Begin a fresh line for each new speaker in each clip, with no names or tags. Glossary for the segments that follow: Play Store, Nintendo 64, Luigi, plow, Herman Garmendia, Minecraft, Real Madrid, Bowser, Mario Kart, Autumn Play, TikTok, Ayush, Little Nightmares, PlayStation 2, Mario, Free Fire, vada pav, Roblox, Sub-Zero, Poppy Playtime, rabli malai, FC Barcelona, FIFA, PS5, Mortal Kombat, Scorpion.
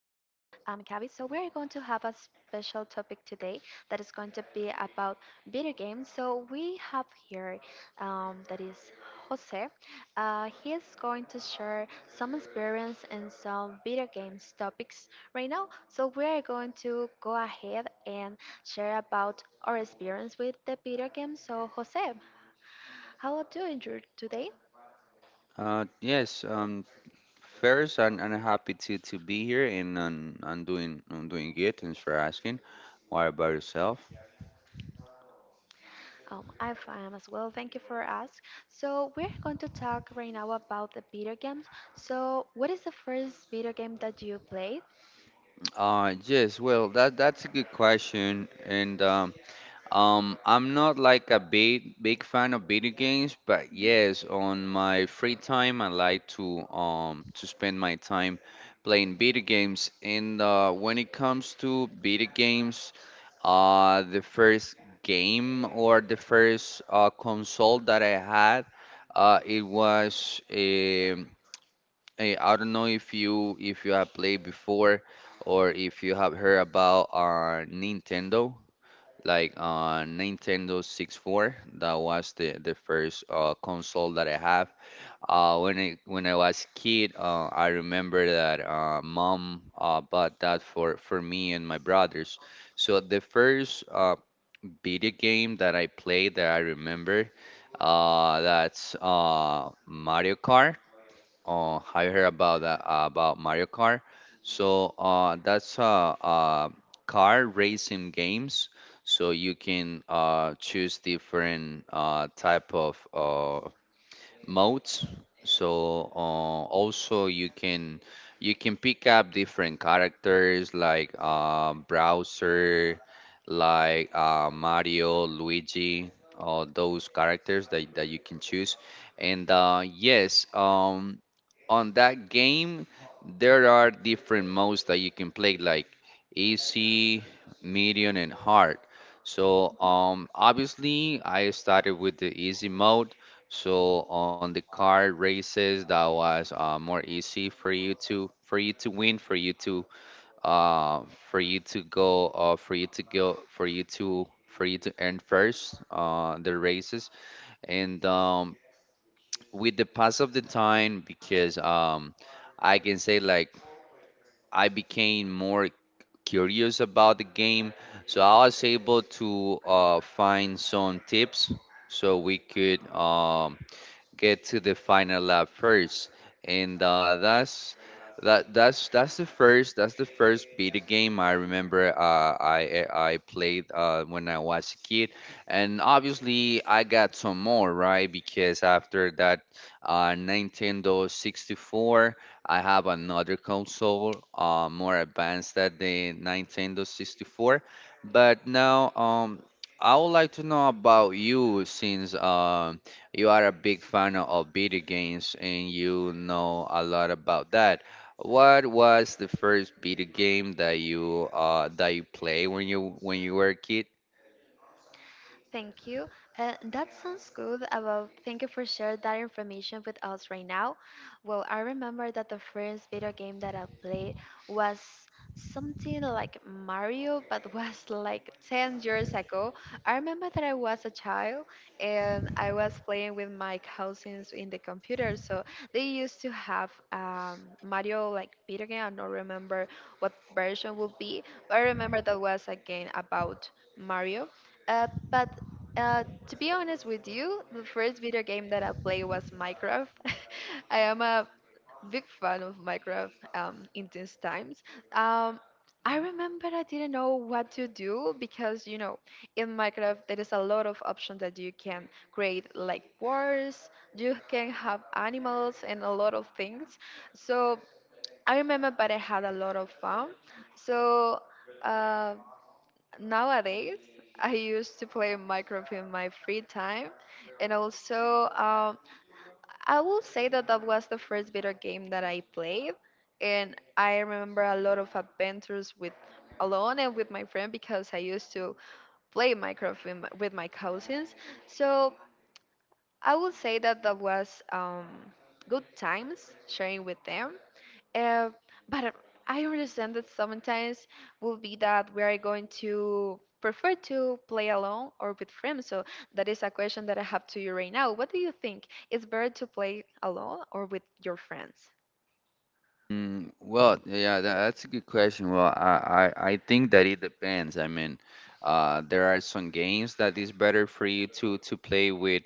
I'm Gabby. So we're going to have a special topic today that is going to be about video games. So we have here that is Jose. He is going to share some experience in some video games topics right now. So we're going to go ahead and share about our experience with the video game. So Jose, how are you doing today?
Yes, first, I'm happy to be here, and I'm doing good. Thanks for asking. What about yourself?
I'm fine as well. Thank you for asking. So we're going to talk right now about the video games. So what is the first video game that you played?
Yes, well, that's a good question. And I'm not like a big fan of video games, but yes, on my free time, I like to spend my time playing video games. And when it comes to video games, the first game or the first console that I had, it was I don't know if you have played before, or if you have heard about Nintendo, like Nintendo 64. That was the first console that I have. When I was kid, I remember that mom bought that for me and my brothers. So the first video game that I played, that I remember, that's Mario Kart. Have you heard about that about Mario Kart? So that's a, uh car racing games. So you can choose different type of modes. So also you can pick up different characters, like Browser, like Mario, Luigi, those characters that you can choose. And yes, on that game there are different modes that you can play, like easy, medium, and hard. So
Mhm.
obviously I started with the easy mode, so on the car races, that was more easy for you to win, uh, for you to go, for you to earn first the races. And with the pass of the time, because I can say, like, I became more curious about the game, so I was able to find some tips so we could get to the final lap first, and that's the first beta game I remember, I played, when I was a kid, and obviously I got some more, right? Because after that Nintendo 64 I have another console, more advanced than the Nintendo 64, but now I would like to know about you, since you are a big fan of video games and you know a lot about that. What was the first video game that you play when you were a kid?
Thank you. That sounds good. About thank you for sharing that information with us right now. Well, I remember that the first video game that I played was something like Mario, but was like 10 years ago. I remember that I was a child and I was playing with my cousins in the computer. So they used to have Mario like video game. I don't remember what version would be, but I remember that was a game about Mario. But to be honest with you, the first video game that I played was Minecraft. I am a big fan of Minecraft in these times. Um, I remember I didn't know what to do because, you know, in Minecraft, there is a lot of options that you can create, like wars, you can have animals, and a lot of things. So I remember, but I had a lot of fun. So. Uh, nowadays I used to play Minecraft in my free time and also I will say that that was the first video game that I played, and I remember a lot of adventures with alone and with my friend because I used to play Minecraft with my cousins. So I will say that that was good times sharing with them. Uh, but uh, I understand that sometimes will be that we are going to prefer to play alone or with friends. So that is a question that I have to you right now. What do you think? Is better to play alone or with your friends?
Well, yeah, that's a good question. Well, I think that it depends. I mean, there are some games that is better for you to play with,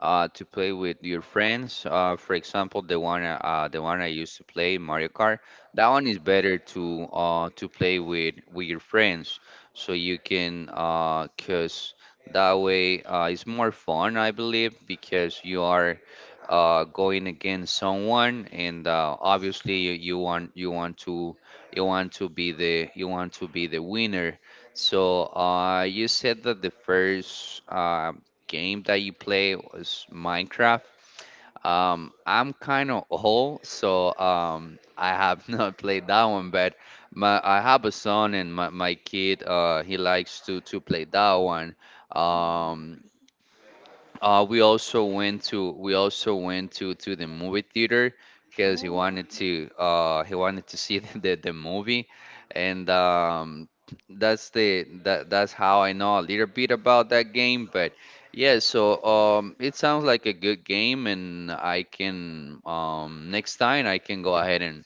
uh, to play with your friends. For example, the the one I used to play, Mario Kart. That one is better to play with your friends, so you can cause that way, it's more fun, I believe, because you are going against someone, and obviously you want to be the winner. So you said that the first game that you play was Minecraft. I'm kind of old, so I have not played that one, but my I have a son, and my kid, he likes to play that one.
Mm.
Um, we also went to the movie theater because
Oh,
he wanted to see the movie, and that's the that that's how I know a little bit about that game. But yeah, so it sounds like a good game, and I can next time I can go ahead and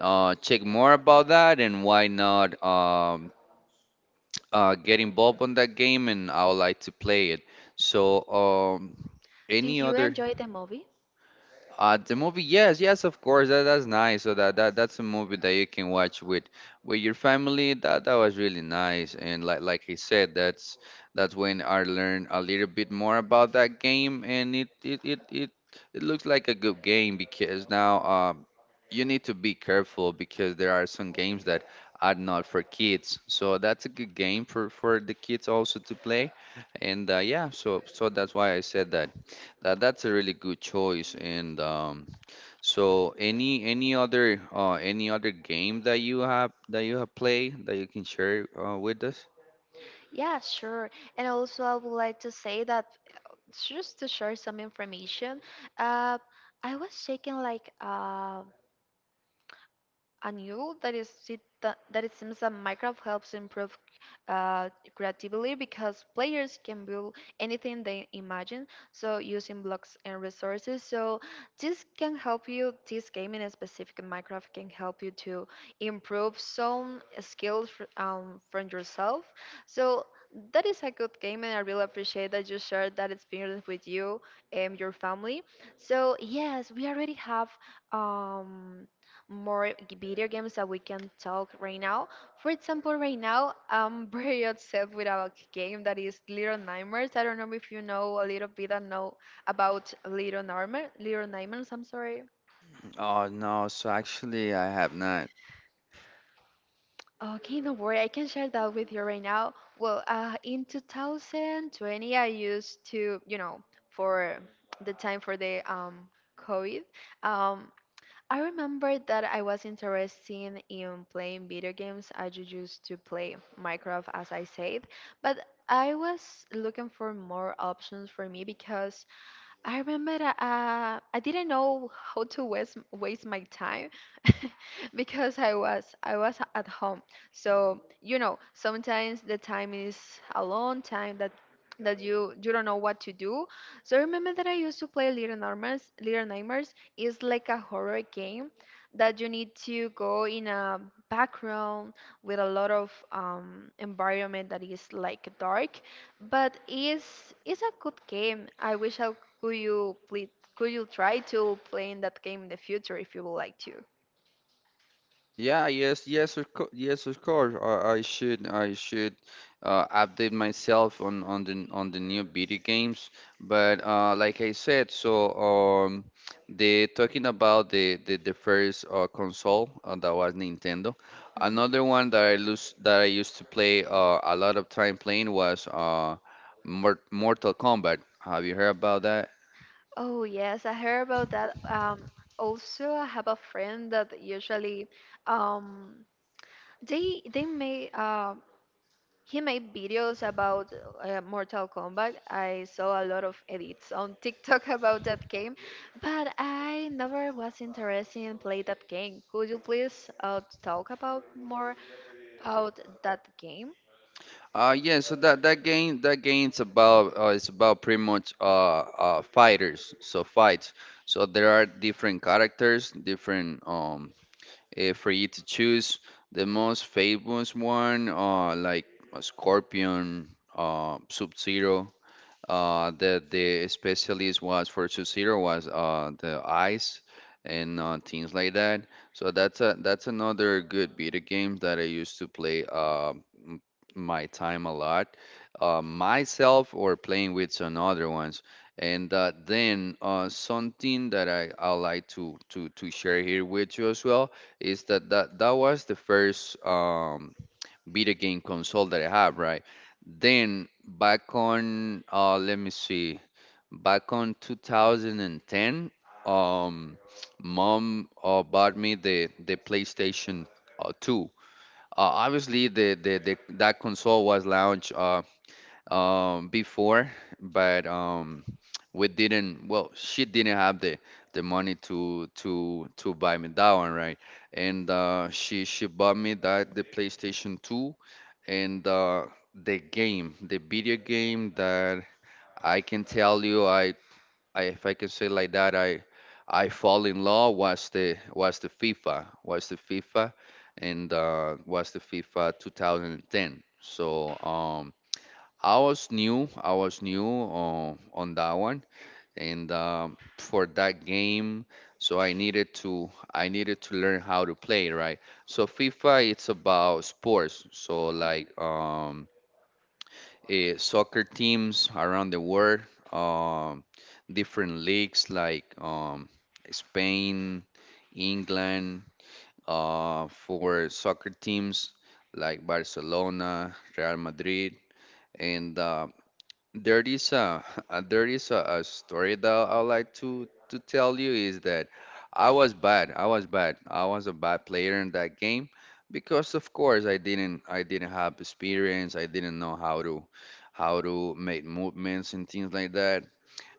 check more about that, and why not get involved on that game, and I would like to play it. So,
did
any
you
other?
enjoy the movie?
The movie, yes, yes, of course. That's nice. So that's a movie that you can watch with your family. That was really nice. And like I said, that's when I learned a little bit more about that game. And it looks like a good game, because now you need to be careful because there are some games that are not for kids. So that's a good game for the kids also to play. And yeah, so that's why I said that's a really good choice. And so any other game that you have played that you can share with us?
Yeah, sure. And also, I would like to say that just to share some information, uh, I was checking like And you that is it that, that it seems that Minecraft helps improve uh, creatively because players can build anything they imagine, so using blocks and resources. So this can help you. This game in specific Minecraft can help you to improve some skills from yourself. So that is a good game, and I really appreciate that you shared that experience with you and your family. So yes, we already have um more video games that we can talk right now. For example, right now I'm very upset with a game that is Little Nightmares. I don't know if you know a little bit I know about Little Nightmares. Little Nightmares, I'm sorry.
Oh no, so actually I have not.
Okay, don't worry. I can share that with you right now. Well, in 2020, I used to, you know, for the time for the COVID, um, I remember that I was interested in playing video games. I used to play Minecraft, as I said, but I was looking for more options for me because I remember I didn't know how to waste my time because I was at home. So you know, sometimes the time is a long time that you don't know what to do. So I remember that I used to play Little Nightmares. Little Nightmares is like a horror game that you need to go in a background with a lot of environment that is like dark, but it's a good game. I wish I could you play, could you try to play in that game in the future if you would like to.
Yeah, yes, yes, of co yes, of course. I should update myself on the new video games. But like I said, so the talking about the the first console, that was Nintendo.
Mhm.
Another one that I lose that I used to play a lot of time playing was uh, Mortal Kombat. Have you heard about that?
Oh yes, I heard about that. Also, I have a friend that usually um, they make He made videos about Mortal Kombat. I saw a lot of edits on TikTok about that game, but I never was interested in play that game. Could you please talk about more about that game?
Yeah, so that game's about it's about pretty much fighters, so fights. So there are different characters, different for you to choose. The most famous one, like a Scorpion, Sub Zero, the specialist was for Sub-Zero was the ice, and things like that. So that's another good video game that I used to play, m- my time a lot, myself, or playing with some other ones. And then something that I like to share here with you as well is that that was the first video game console that I have, right? Then let me see, back on 2010, um, mom bought me the PlayStation 2. Obviously, the that console was launched before, but we didn't well, she didn't have the money to buy me that one, right? And she bought me that the PlayStation 2, and the video game that I can tell you, I if I can say like that, I fall in love, was the was the FIFA and was the FIFA 2010. So I was new. On that one, and for that game, so I needed to learn how to play, right? So FIFA, it's about sports. So, like, soccer teams around the world, um, different leagues like Spain, England, for soccer teams like Barcelona, Real Madrid, and there is a a story that I would like to tell you is that I was bad. I was bad. I was a bad player in that game because, of course, I didn't have experience. I didn't know how to make movements and things like that.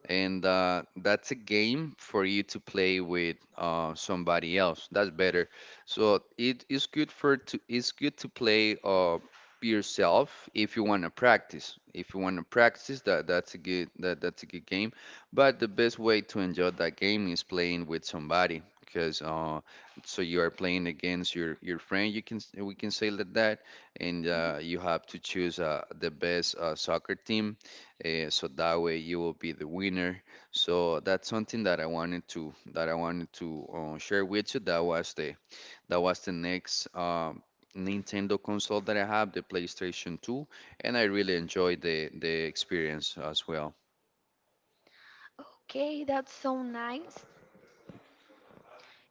And that's a game for you to play with somebody else. That's better. So it's good to play yourself, if you want to practice. If you want to practice, that's a good game. But the best way to enjoy that game is playing with somebody, because so you are playing against your friend. We can say, like that, and
Mhm.
you have to choose the best soccer team, so that way you will be the winner. So that's something that I wanted to share with you. That was the that was the next Nintendo console that I have, the PlayStation 2, and I really enjoyed the experience as well.
Okay, that's so nice.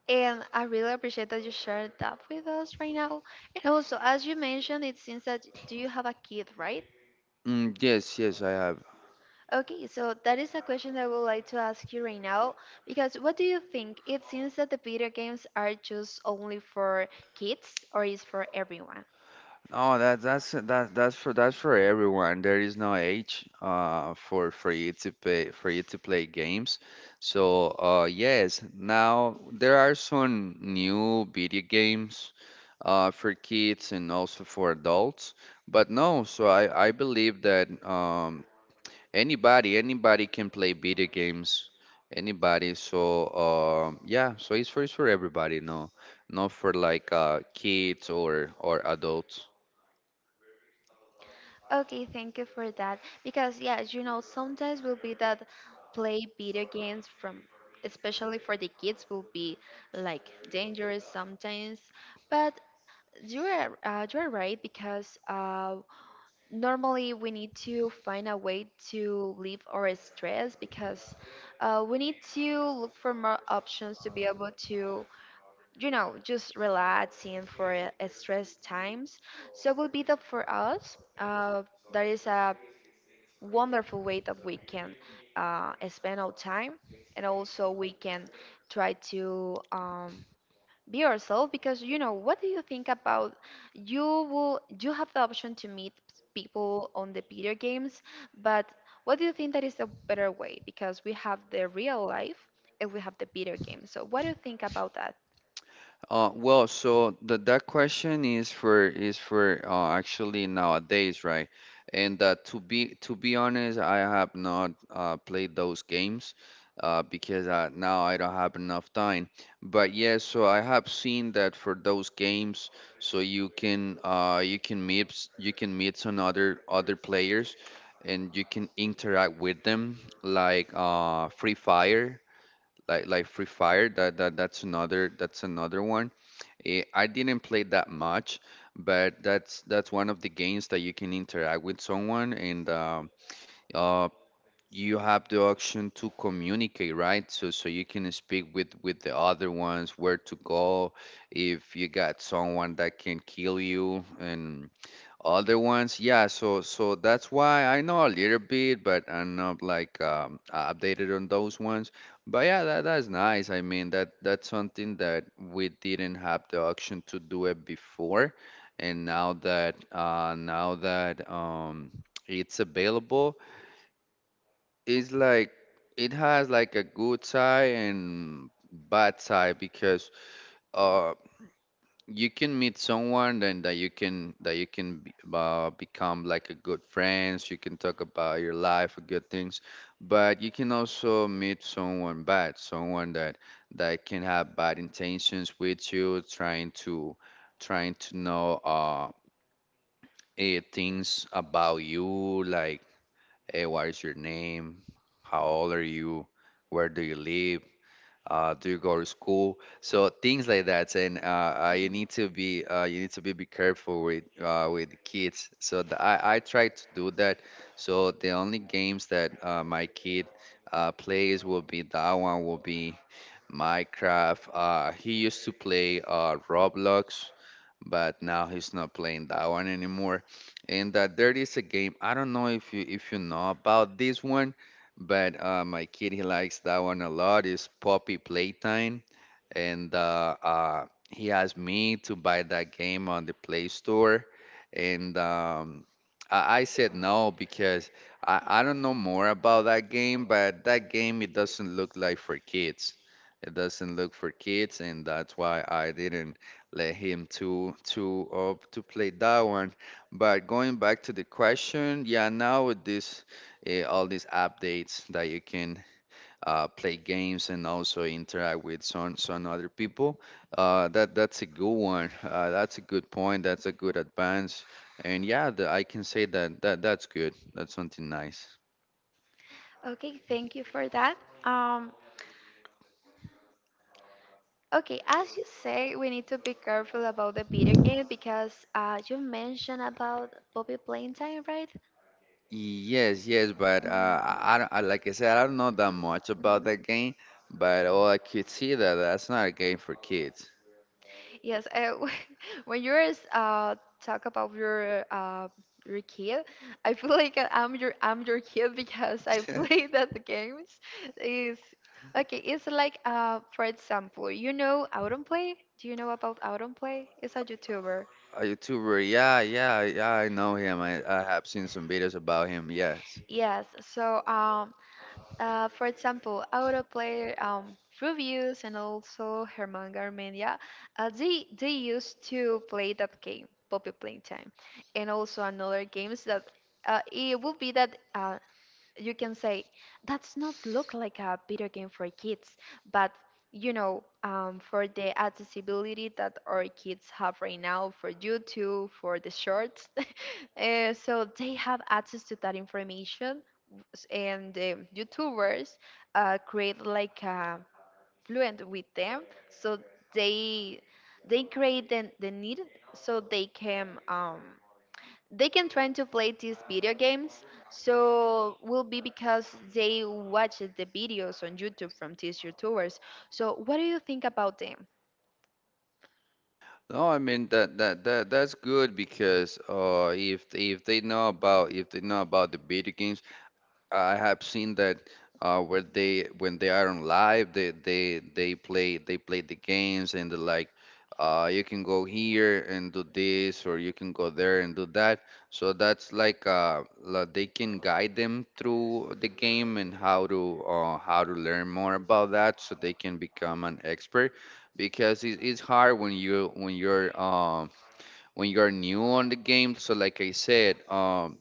And I really appreciate that you shared that with us right now. And also, as you mentioned, it seems that do you have a kid, right?
Mm, yes, yes, I have.
Okay, so that is a question that I would like to ask you right now because what do you think? It seems that the video games are just only for kids or is for everyone?
No, that's for everyone. There is no age, for you to play, games. So yes, now there are some new video games for kids and also for adults. But no, so I believe that anybody can play video games. Anybody. So yeah, so it's for everybody. No, not for, like, kids or adults.
Okay, thank you for that because yeah, as you know, sometimes will be that play video games from especially for the kids will be like dangerous sometimes, but you are right because normally we need to find a way to leave our stress because we need to look for more options to be able to, you know, just relaxing for a stress times. So it will be that for us that is a wonderful way that we can spend our time, and also we can try to be yourself because you know what do you think about you will you have the option to meet people on the video games, but what do you think that is a better way because we have the real life and we have the video game, so what do you think about that?
Well, so the that question is for, actually, nowadays, right? And to be honest, I have not played those games, because now I don't have enough time. But yes, so I have seen that for those games, so you can meet some other players, and you can interact with them, like Free Fire, like Free Fire. That's another one. I didn't play that much, but that's one of the games that you can interact with someone, and uh, you have the option to communicate, right? So you can speak with the other ones, where to go, if you got someone that can kill you, and other ones, yeah. So that's why I know a little bit, but I'm not like updated on those ones. But yeah, that's nice. I mean, that's something that we didn't have the option to do it before, and now that it's available. It's like it has like a good side and bad side, because uh, you can meet someone then that you can become like a good friends. You can talk about your life, good things, but you can also meet someone bad, someone that can have bad intentions with you, trying to know things about you. Like, hey, what is your name, how old are you, where do you live, do you go to school? So things like that. And you need to be careful with the kids. I try to do that. So the only games that my kid plays will be minecraft He used to play Roblox, but now he's not playing that one anymore. And there is a game. I don't know if you know about this one, but my kid he likes that one a lot. It's Poppy Playtime, and he asked me to buy that game on the Play Store, and I said no because I don't know more about that game. But that game, it doesn't look like for kids. It doesn't look for kids, and that's why I didn't let him to play that one. But going back to the question, yeah, now with this all these updates that you can play games and also interact with some other people, that's a good one. That's a good point. That's a good advance. And yeah, I can say that that's good. That's something nice.
Okay, thank you for that. Um, okay, as you say, we need to be careful about the video game because you mentioned about Bobby Time, right?
Yes, yes, but
Mm-hmm.
I don't- I- like I said, I don't know that much about
Mhm.
that game, but all I could see that that's not a game for kids.
Yes, when you are talk about your kid, I feel like I'm your kid because I play that the games is okay. It's like for example, you know Autumn Play. Do you know about Autumn Play? It's a YouTuber.
A YouTuber, yeah, yeah, yeah, I know him. I have seen some videos about him, yes.
Yes. So for example, autoplayer reviews and also Herman Garmendia, they used to play that game, Poppy Playtime, and also another games that it would be that you can say that's not look like a video game for kids, but you know, for the accessibility that our kids have right now for YouTube, for the shorts, so they have access to that information and the YouTubers create like a fluent with them, so they they create the need, so they can try to play these video games. So will be because they watch the videos on YouTube from these YouTubers, so what do you think about them?
No, I mean that's good because if they know about the video games. I have seen that, where they when they are on live, they play the games, and they're like, you can go here and do this, or you can go there and do that. So that's like they can guide them through the game, and how to learn more about that, so they can become an expert. Because it's hard when you when you're new on the game. So like I said,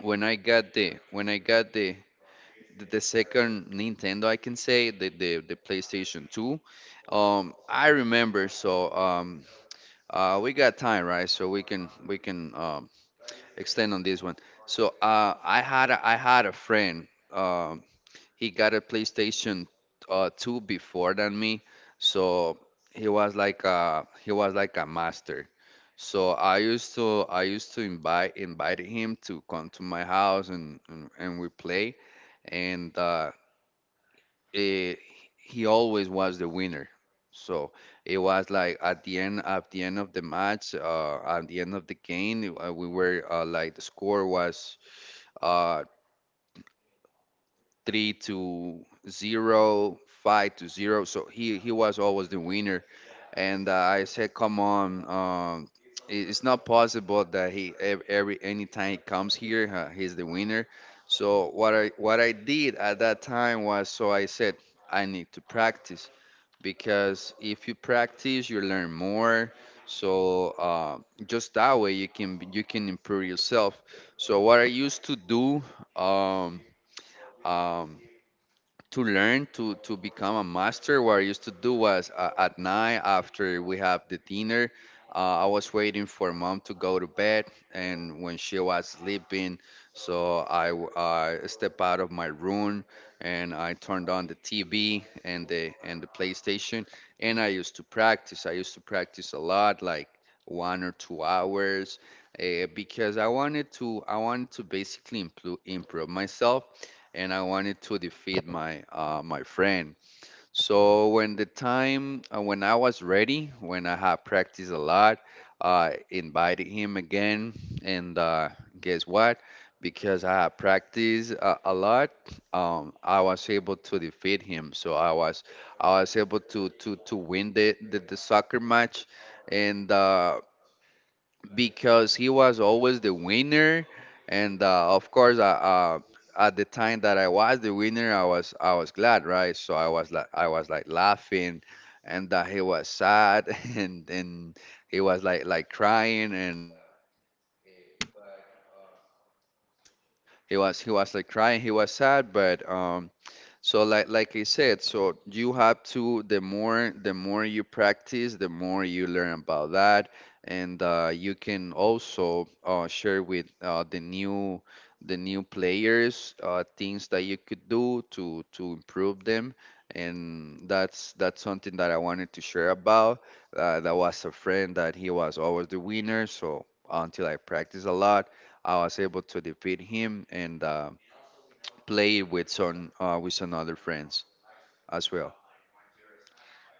when I got the second Nintendo, I can say the PlayStation 2. I remember, so we got time, right? So we can extend on this one. So I had a friend. He got a PlayStation 2 before than me, so he was like a master. So I used to invite invited him to come to my house, and we play, and eh, he always was the winner. So it was like, at the end of the match, at the end of the game, we were like, the score was uh, 3-0, 5-0. So he was always the winner, and I said, come on. It's not possible that he ev- every anytime he comes here he's the winner. So what I did at that time was, so I said I need to practice, because if you practice you learn more. So just that way you can improve yourself. So what I used to do, um, um, to learn to become a master, what I used to do was at night after we have the dinner, I was waiting for mom to go to bed, and when she was sleeping, so I step out of my room and I turned on the TV and the PlayStation, and I used to practice a lot, like 1 or 2 hours, because I wanted to basically improve myself, and I wanted to defeat my friend. So when the time when I was ready, when I had practiced a lot, I invited him again, and guess what? Because I had practiced a lot, I was able to defeat him. So I was able to win the soccer match, and because he was always the winner, and of course, at the time that I was the winner, I was glad, right? So I was like laughing, and that he was sad. And he was like crying, and he was sad. But so like I said, so you have to, the more you practice, the more you learn about that, and you can also share with the new players things that you could do to improve them, and that's something that I wanted to share about. That was a friend that he was always the winner, so until I practiced a lot, I was able to defeat him, and play with some other friends as well.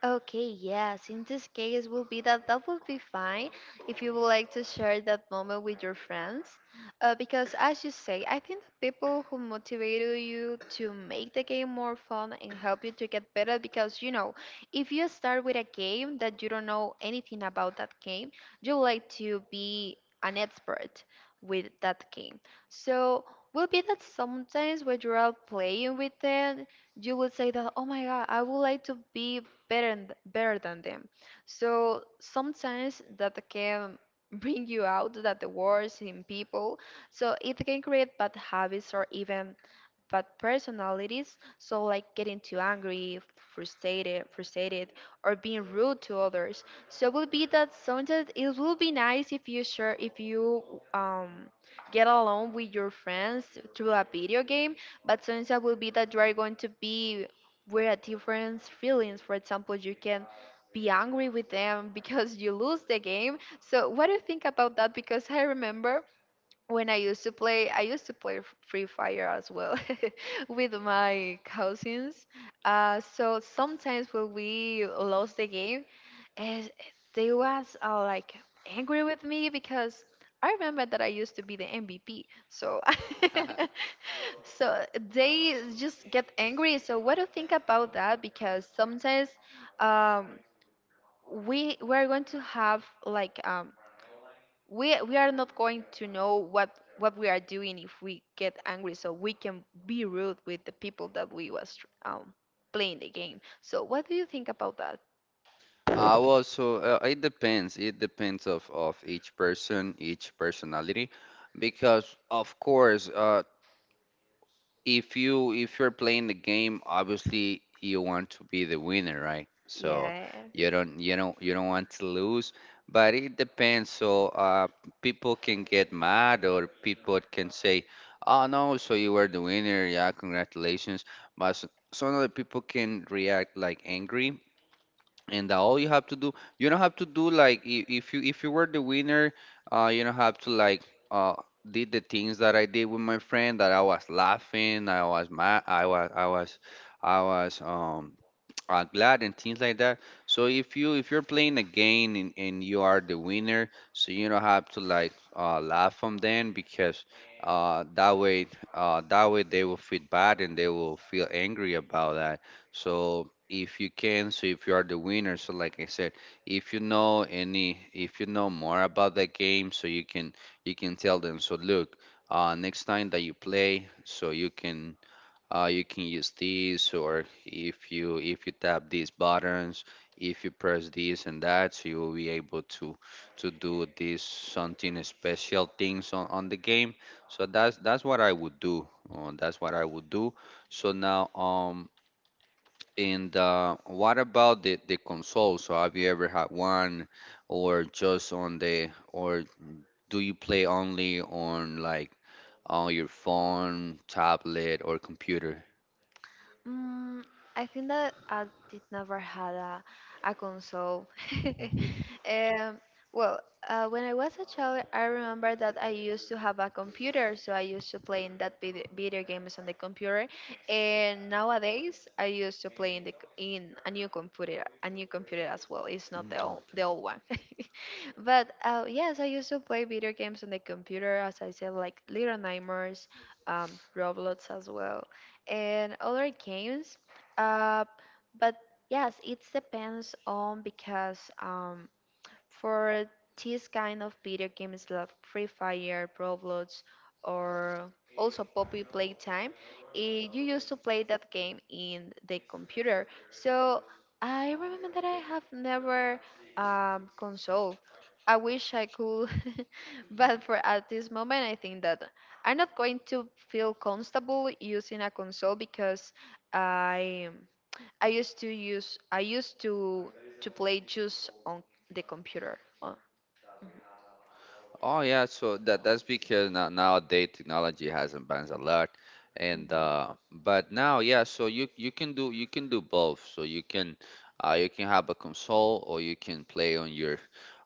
Okay, yes. In this case, will be that would be fine if you would like to share that moment with your friends, because as you say, I think the people who motivated you to make the game more fun and help you to get better, because you know, if you start with a game that you don't know anything about that game, you would like to be an expert with that game. So will be that sometimes when you're out playing with them, you would say that, oh my god, I would like to be better than them. So sometimes that can bring you out that the worst in people. So it can create bad habits or even but personalities, so like getting too angry, frustrated, or being rude to others. So it will be that sometimes it will be nice if you share, if you um get along with your friends through a video game, but sometimes it will be that you are going to be with a different feelings. For example, you can be angry with them because you lose the game, so what do you think about that? Because I remember when I used to play Free Fire as well with my cousins. So sometimes when we lost the game, eh, they was like angry with me because I remember that I used to be the MVP. So so they just get angry. So what do you think about that? Because sometimes um, we're going to have like we are not going to know what we are doing if we get angry, so we can be rude with the people that we was um playing the game. So what do you think about that?
I also, it depends. It depends of each person, each personality, because of course, if you if you're playing the game, obviously you want to be the winner, right? So
Yeah.
you don't want to lose, but it depends. So people can get mad, or people can say, oh no, so you were the winner, yeah, congratulations, but some other people can react like angry, and that all you have to do, you don't have to do like, if you were the winner, you don't have to like, uh did the things that I did with my friend, that I was laughing, I was mad, I was glad and things like that. So if you if you're playing a game, and you are the winner, so you don't have to like laugh from them, because uh, that way that way they will feel bad and they will feel angry about that. So if you can, so if you are the winner, so like I said, if you know any, if you know more about that game, so you can tell them. So look, next time that you play, so you can use this, or if you tap these buttons, if you press this and that, so you will be able to do this, something special things on the game. So that's what I would do. That's what I would do. So now, and what about the console? So have you ever had one, or just on the, or do you play only on like on your phone, tablet, or computer?
Mm, I think that I did never had a console. Um, well, when I was a child, I remember that I used to have a computer, so I used to play in that video games on the computer. And nowadays, I used to play in the in a new computer as well. It's not
Mm, okay.
the old one. But yes, I used to play video games on the computer, as I said, like Little Nightmares, Roblox as well, and other games. Uh, but yes, it depends on because for this kind of video games like Free Fire, Roblox, or also Poppy Playtime, you used to play that game in the computer. So I remember that I have never console. I wish I could, but for at this moment, I think that I'm not going to feel comfortable using a console because I I used to use I used to play just on the computer. Oh.
Oh yeah, so that's because now nowadays technology has advanced a lot,
Mhm,
and
mhm,
but now yeah, so you can do both. So you can have a console, or you can play on your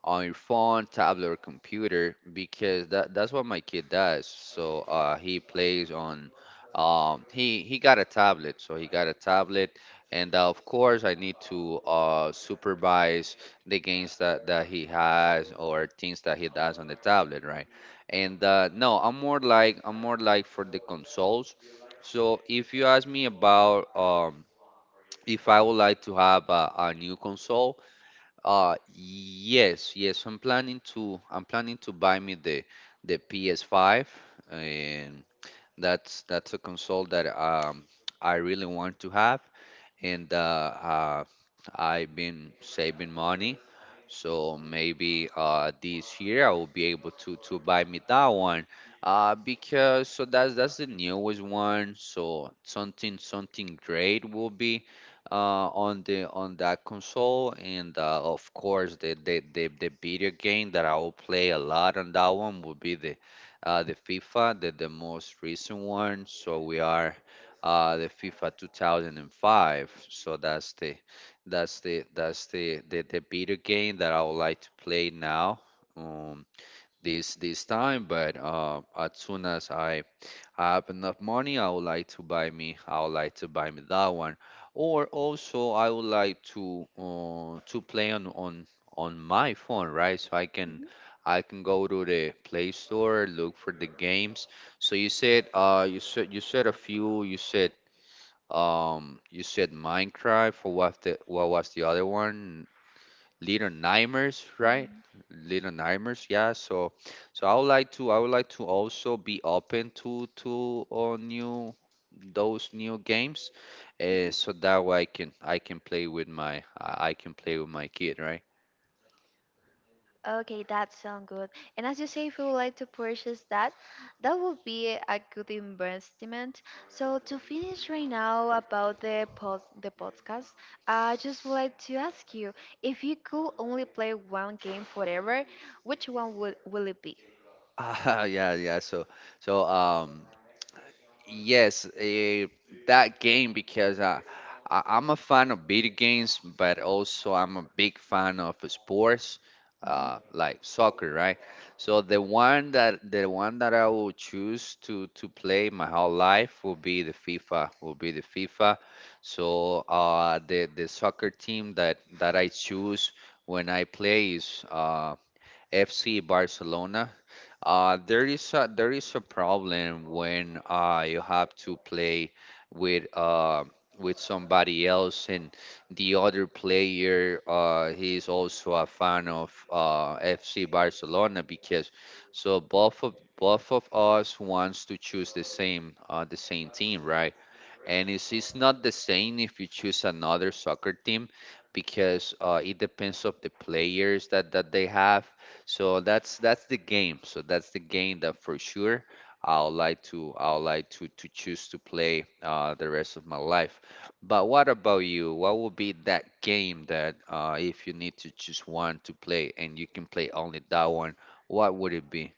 on your phone, tablet, or computer, because that's what my kid does. So he plays on he got a tablet, so he got a tablet, and of course I need to supervise the games that he has, or things that he does on the tablet, right? And no, I'm more like for the consoles. So if you ask me about, if I would like to have a new console, yes, yes, I'm planning to buy me the PS5, and that's a console that, I really want to have, and I've been saving money. So maybe this year I will be able to buy me that one. Because so that's the newest one. So something great will be on the on that console, and of course the video game that I will play a lot on that one will be the FIFA, the most recent one. So we are the FIFA 2005. So that's the the, video game that I would like to play now. Um, this time, but as soon as I have enough money, I would like to buy me, I would like to buy me that one. Or also, I would like to play on my phone, right? So
mhm,
I can go to the Play Store, look for the games. So you said you said you said a few you said Minecraft. Or what was the other one? Little Nightmares, right?
mhm.
Little Nightmares, yeah. So, so I would like to also be open to new those new games, so that way I can play with my kid, right?
Okay, that sounds good. And as you say, if you would like to purchase that, that would be a good investment. So to finish right now about the pod, the podcast, I just would like to ask you if you could only play one game forever, which one would will it be?
Ah, yeah, yeah. So um. Yes, that game, because I'm a fan of video games, but also I'm a big fan of sports,
Mhm.
like soccer, right? So the one that I will choose to play my whole life will be the FIFA. Will be the FIFA. So the soccer team that I choose when I play is FC Barcelona. There is a problem when you have to play with uh, with somebody else, and the other player, he is also a fan of FC Barcelona, because so both of us wants to choose the same team, right? And it's not the same if you choose another soccer team, because it depends of the players that they have. So that's the game. So that's the game that for sure I'll like to choose to play the rest of my life. But what about you? What would be that game that, if you need to choose one to play and you can play only that one, what would it be?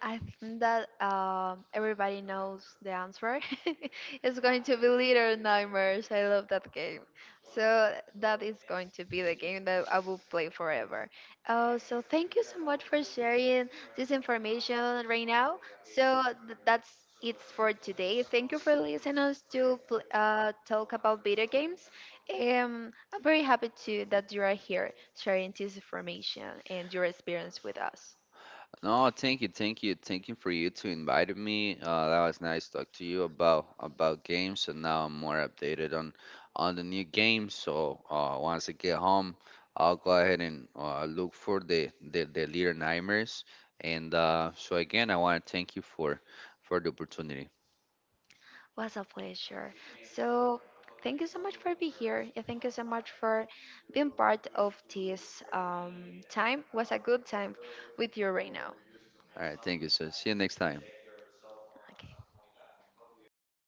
I think that everybody knows the answer. It's going to be Little Nightmares. I love that game. So that is going to be the game that I will play forever. So thank you so much for sharing this information right now. So that's it for today. Thank you for listening us to talk about video games. I'm very happy to that you are here sharing this information and your experience with us.
No, thank you, thank you, thank you for you to invite me. That was nice talk to you about games, and now I'm more updated on the new games. So once I get home, I'll go ahead and look for the leader nightmares. And so again, I want to thank you for the opportunity.
Was a pleasure. So, thank you so much for being here, and thank you so much for being part of this time. Was a good time with you right now.
All right, thank you. So see you next time.
Okay.